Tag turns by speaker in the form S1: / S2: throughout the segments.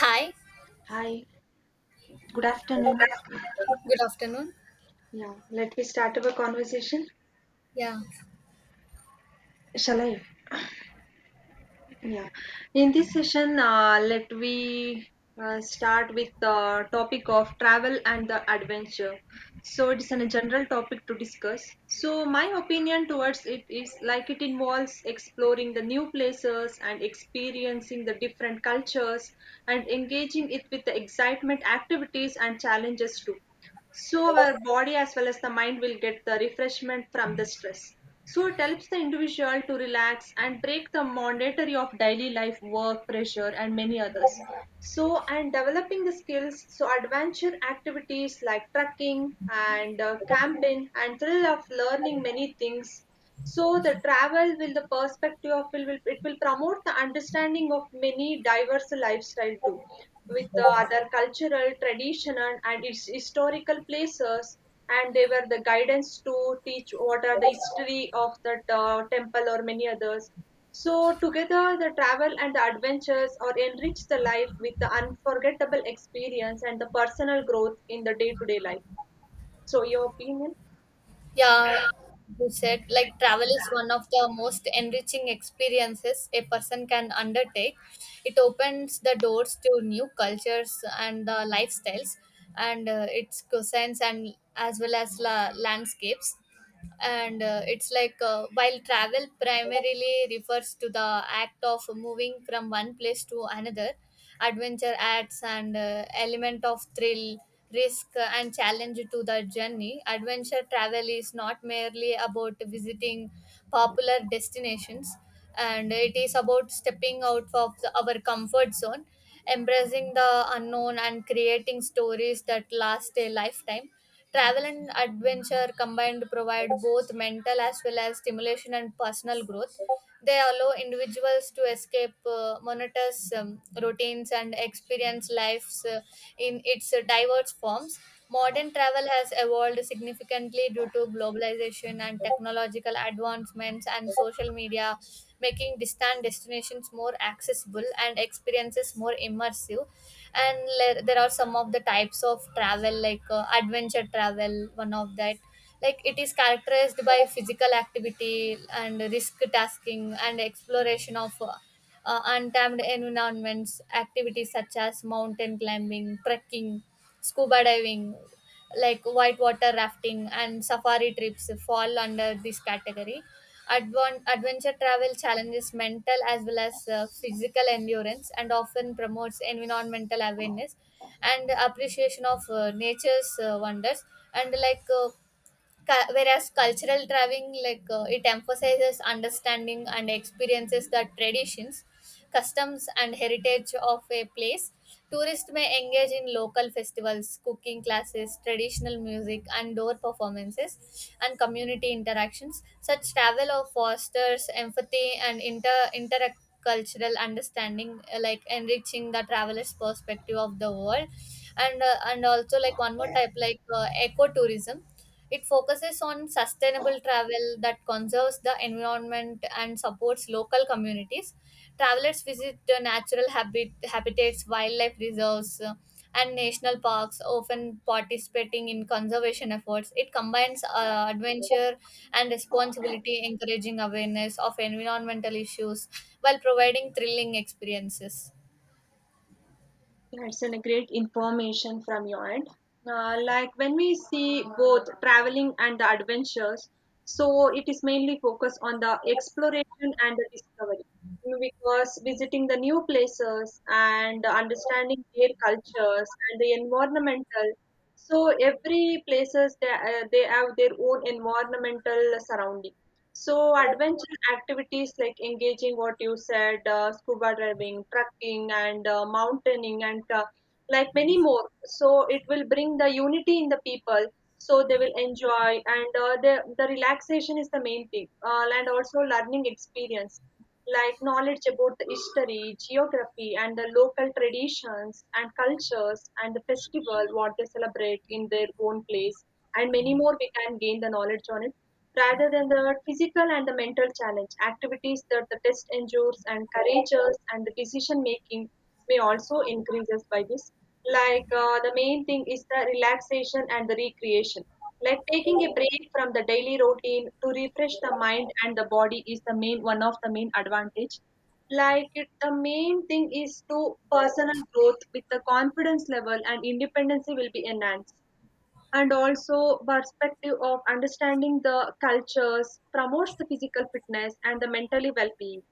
S1: Hi,
S2: Hi, good afternoon.
S1: good afternoon.
S2: Yeah, let me start our conversation.
S1: Yeah,
S2: Shall I? Yeah, in this session, let we start with the topic of travel and the adventure. So it is a general topic to discuss. So my opinion towards it is like it involves exploring the new places and experiencing the different cultures and engaging it with the excitement activities and challenges too. So our body as well as the mind will get the refreshment from the stress. So it helps the individual to relax and break the monotony of daily life, work, pressure, and many others. So and developing the skills, so adventure activities like trekking and camping and thrill of learning many things, so the travel will the perspective of will it will promote the understanding of many diverse lifestyle too, with the other cultural tradition and its historical places, and they were the guidance to teach what are the history of the temple or many others. So together, the travel and the adventures or enrich the life with the unforgettable experience and the personal growth in the day-to-day life. So your opinion?
S1: yeah, you said like travel is one of the most enriching experiences a person can undertake. It opens the doors to new cultures and lifestyles, and its cuisines and as well as landscapes. And it's like while travel primarily refers to the act of moving from one place to another, adventure adds an element of thrill, risk and challenge to the journey. Adventure travel is not merely about visiting popular destinations, and it is about stepping out of our comfort zone, embracing the unknown, and creating stories that last a lifetime. Travel and adventure combined provide both mental as well as stimulation and personal growth. They allow individuals to escape monotonous routines and experience lives in its diverse forms. Modern travel has evolved significantly due to globalization and technological advancements and social media, making distant destinations more accessible and experiences more immersive. And there are some of the types of travel like adventure travel, one of that, like it is characterized by physical activity and risk tasking and exploration of untapped environments. Activities such as mountain climbing, trekking, scuba diving, like whitewater rafting, and safari trips fall under this category. Adventure travel challenges mental as well as physical endurance and often promotes environmental awareness and appreciation of nature's wonders. And whereas cultural traveling, like it emphasizes understanding and experiences the traditions, customs, and heritage of a place. Tourists may engage in local festivals, cooking classes, traditional music and door performances, and community interactions. Such travel or fosters empathy and intercultural understanding, like enriching the traveler's perspective of the world. And also like one more type, like ecotourism. It focuses on sustainable travel that conserves the environment and supports local communities. Travelers visit the natural habitats, wildlife reserves, and national parks, often participating in conservation efforts. It combines adventure and responsibility, encouraging awareness of environmental issues while providing thrilling experiences.
S2: Yeah, it's a great information from your end. Like when we see both traveling and the adventures, so it is mainly focused on the exploration and the discovery. Because visiting the new places and understanding their cultures and the environmental, so every places they have their own environmental surrounding. So adventure activities like engaging what you said, scuba diving, trekking, and mountaineering, and like many more. So it will bring the unity in the people. So they will enjoy, and the relaxation is the main thing, and also learning experience, like knowledge about the history, geography, and the local traditions and cultures, and the festival what they celebrate in their own place, and many more. We can gain the knowledge on it rather than the physical and the mental challenge. Activities that the test endures and courageous and the decision making may also increases by this. Like the main thing is the relaxation and the recreation. Like taking a break from the daily routine to refresh the mind and the body is the main one of the main advantage. Like it, the main thing is to personal growth with the confidence level and independency will be enhanced and also perspective of understanding the cultures promotes the physical fitness and the mentally well-being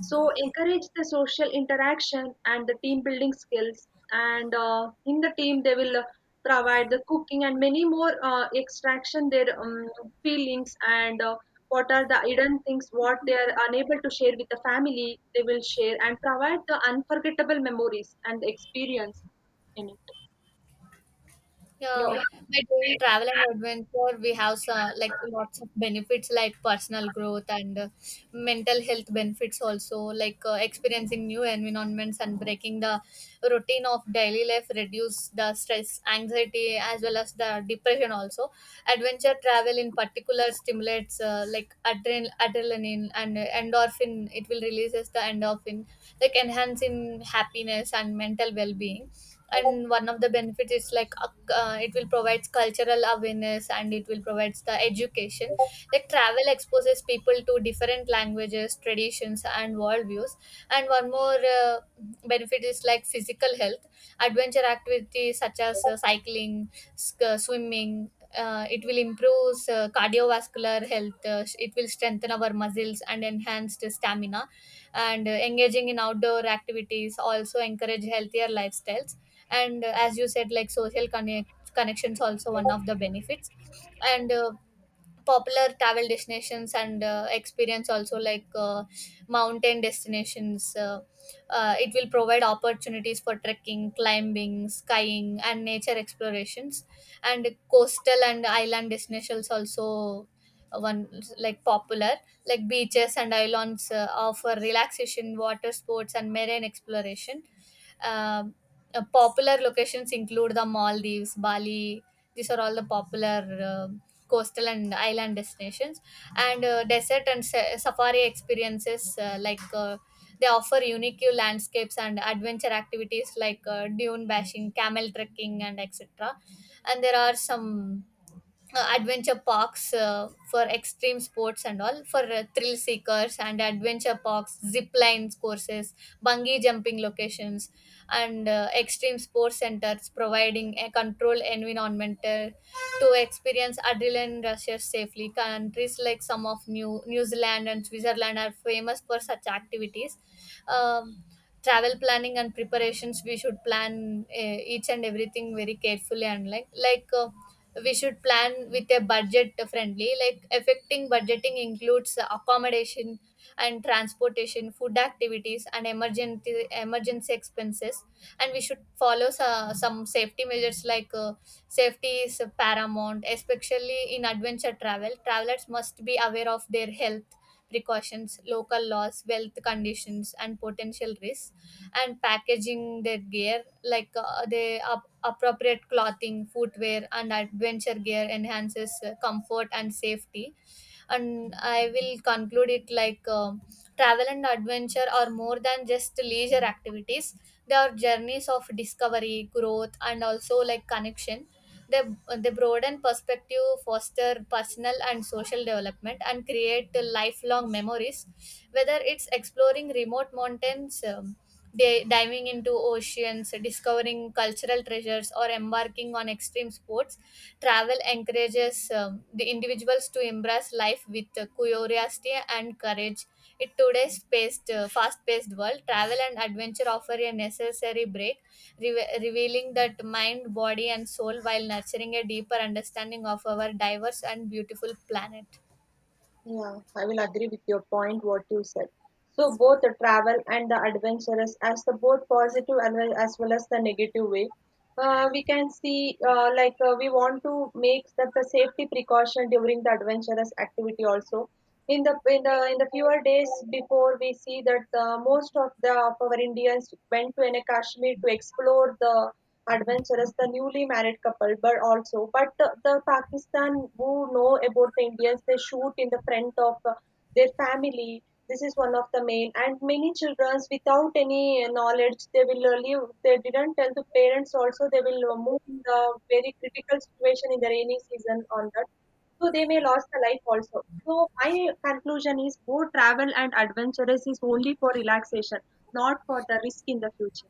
S2: so encourage the social interaction and the team building skills and in the team they will provide the cooking and many more extraction their feelings and what are the hidden things what they are unable to share with the family they will share and provide the unforgettable memories and experience in it,
S1: Yeah,
S2: yeah.
S1: by doing travel and adventure, we have some, like, lots of benefits like personal growth and mental health benefits also, like experiencing new environments and breaking the routine of daily life reduce the stress, anxiety, as well as the depression also. Adventure travel in particular stimulates like adrenaline and endorphin. It will releases the endorphin, like enhancing happiness and mental well-being. And one of the benefits is like it will provides cultural awareness and it will provides the education, like travel exposes people to different languages, traditions, and worldviews. And one more uh, benefit is like physical health. Adventure activities such as cycling, swimming, it will improve cardiovascular health, it will strengthen our muscles and enhance the stamina. And engaging in outdoor activities also encourage healthier lifestyles. And as you said, like social connections also one of the benefits. And popular travel destinations and experience also, like mountain destinations, it will provide opportunities for trekking, climbing, skiing, and nature explorations. And coastal and island destinations also, one like popular, like beaches and islands offer relaxation, water sports, and marine exploration. um, Popular locations include the Maldives, Bali. These are all the popular, um coastal and island destinations. And desert and safari experiences, they offer unique landscapes and adventure activities like dune bashing, camel trekking, and etc. And there are some adventure parks for extreme sports and all, for thrill seekers, and adventure parks, zip lines courses, bungee jumping locations, and extreme sports centers providing a controlled environment to experience adrenaline rushes safely. Countries like some of New Zealand and Switzerland are famous for such activities. um, Travel planning and preparations, we should plan each and everything very carefully. And we should plan with a budget friendly, like affecting budgeting, includes accommodation and transportation, food, activities, and emergency expenses. And we should follow some safety measures like safety is paramount, especially in adventure travel. Travelers must be aware of their health precautions, local laws, wealth conditions, and potential risks. And packaging their gear, like they up appropriate clothing, footwear, and adventure gear enhances comfort and safety. And I will conclude it like, travel and adventure are more than just leisure activities. They are journeys of discovery, growth, and also like connection. they, they broaden perspective, foster personal and social development, and create lifelong memories, whether it's exploring remote mountains, diving into oceans, discovering cultural treasures, or embarking on extreme sports. Travel encourages the individuals to embrace life with curiosity and courage. In today's paced, fast-paced world, travel and adventure offer a necessary break, revealing that mind, body, and soul while nurturing a deeper understanding of our diverse and beautiful planet.
S2: Yeah, I will agree with your point, what you said. So both the travel and the adventurous, as the both positive and well as the negative way, we can see like we want to make that the safety precaution during the adventurous activity also. In the fewer days before, we see that most of the of our Indians went to an Kashmir to explore the adventurous. The newly married couple but also but the Pakistan who know about the Indians they shoot in the front of their family. This is one of the main and many children without any knowledge they will live. They didn't tell the parents also they will move in the very critical situation in the rainy season on that. So they may lose the life also. So my conclusion is both travel and adventurous is only for relaxation, not for the risk in the future.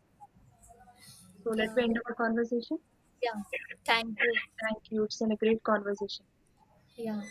S2: So let me
S1: Yeah,
S2: end our conversation.
S1: yeah. Thank you.
S2: Thank you. It's been a great conversation.
S1: Yeah.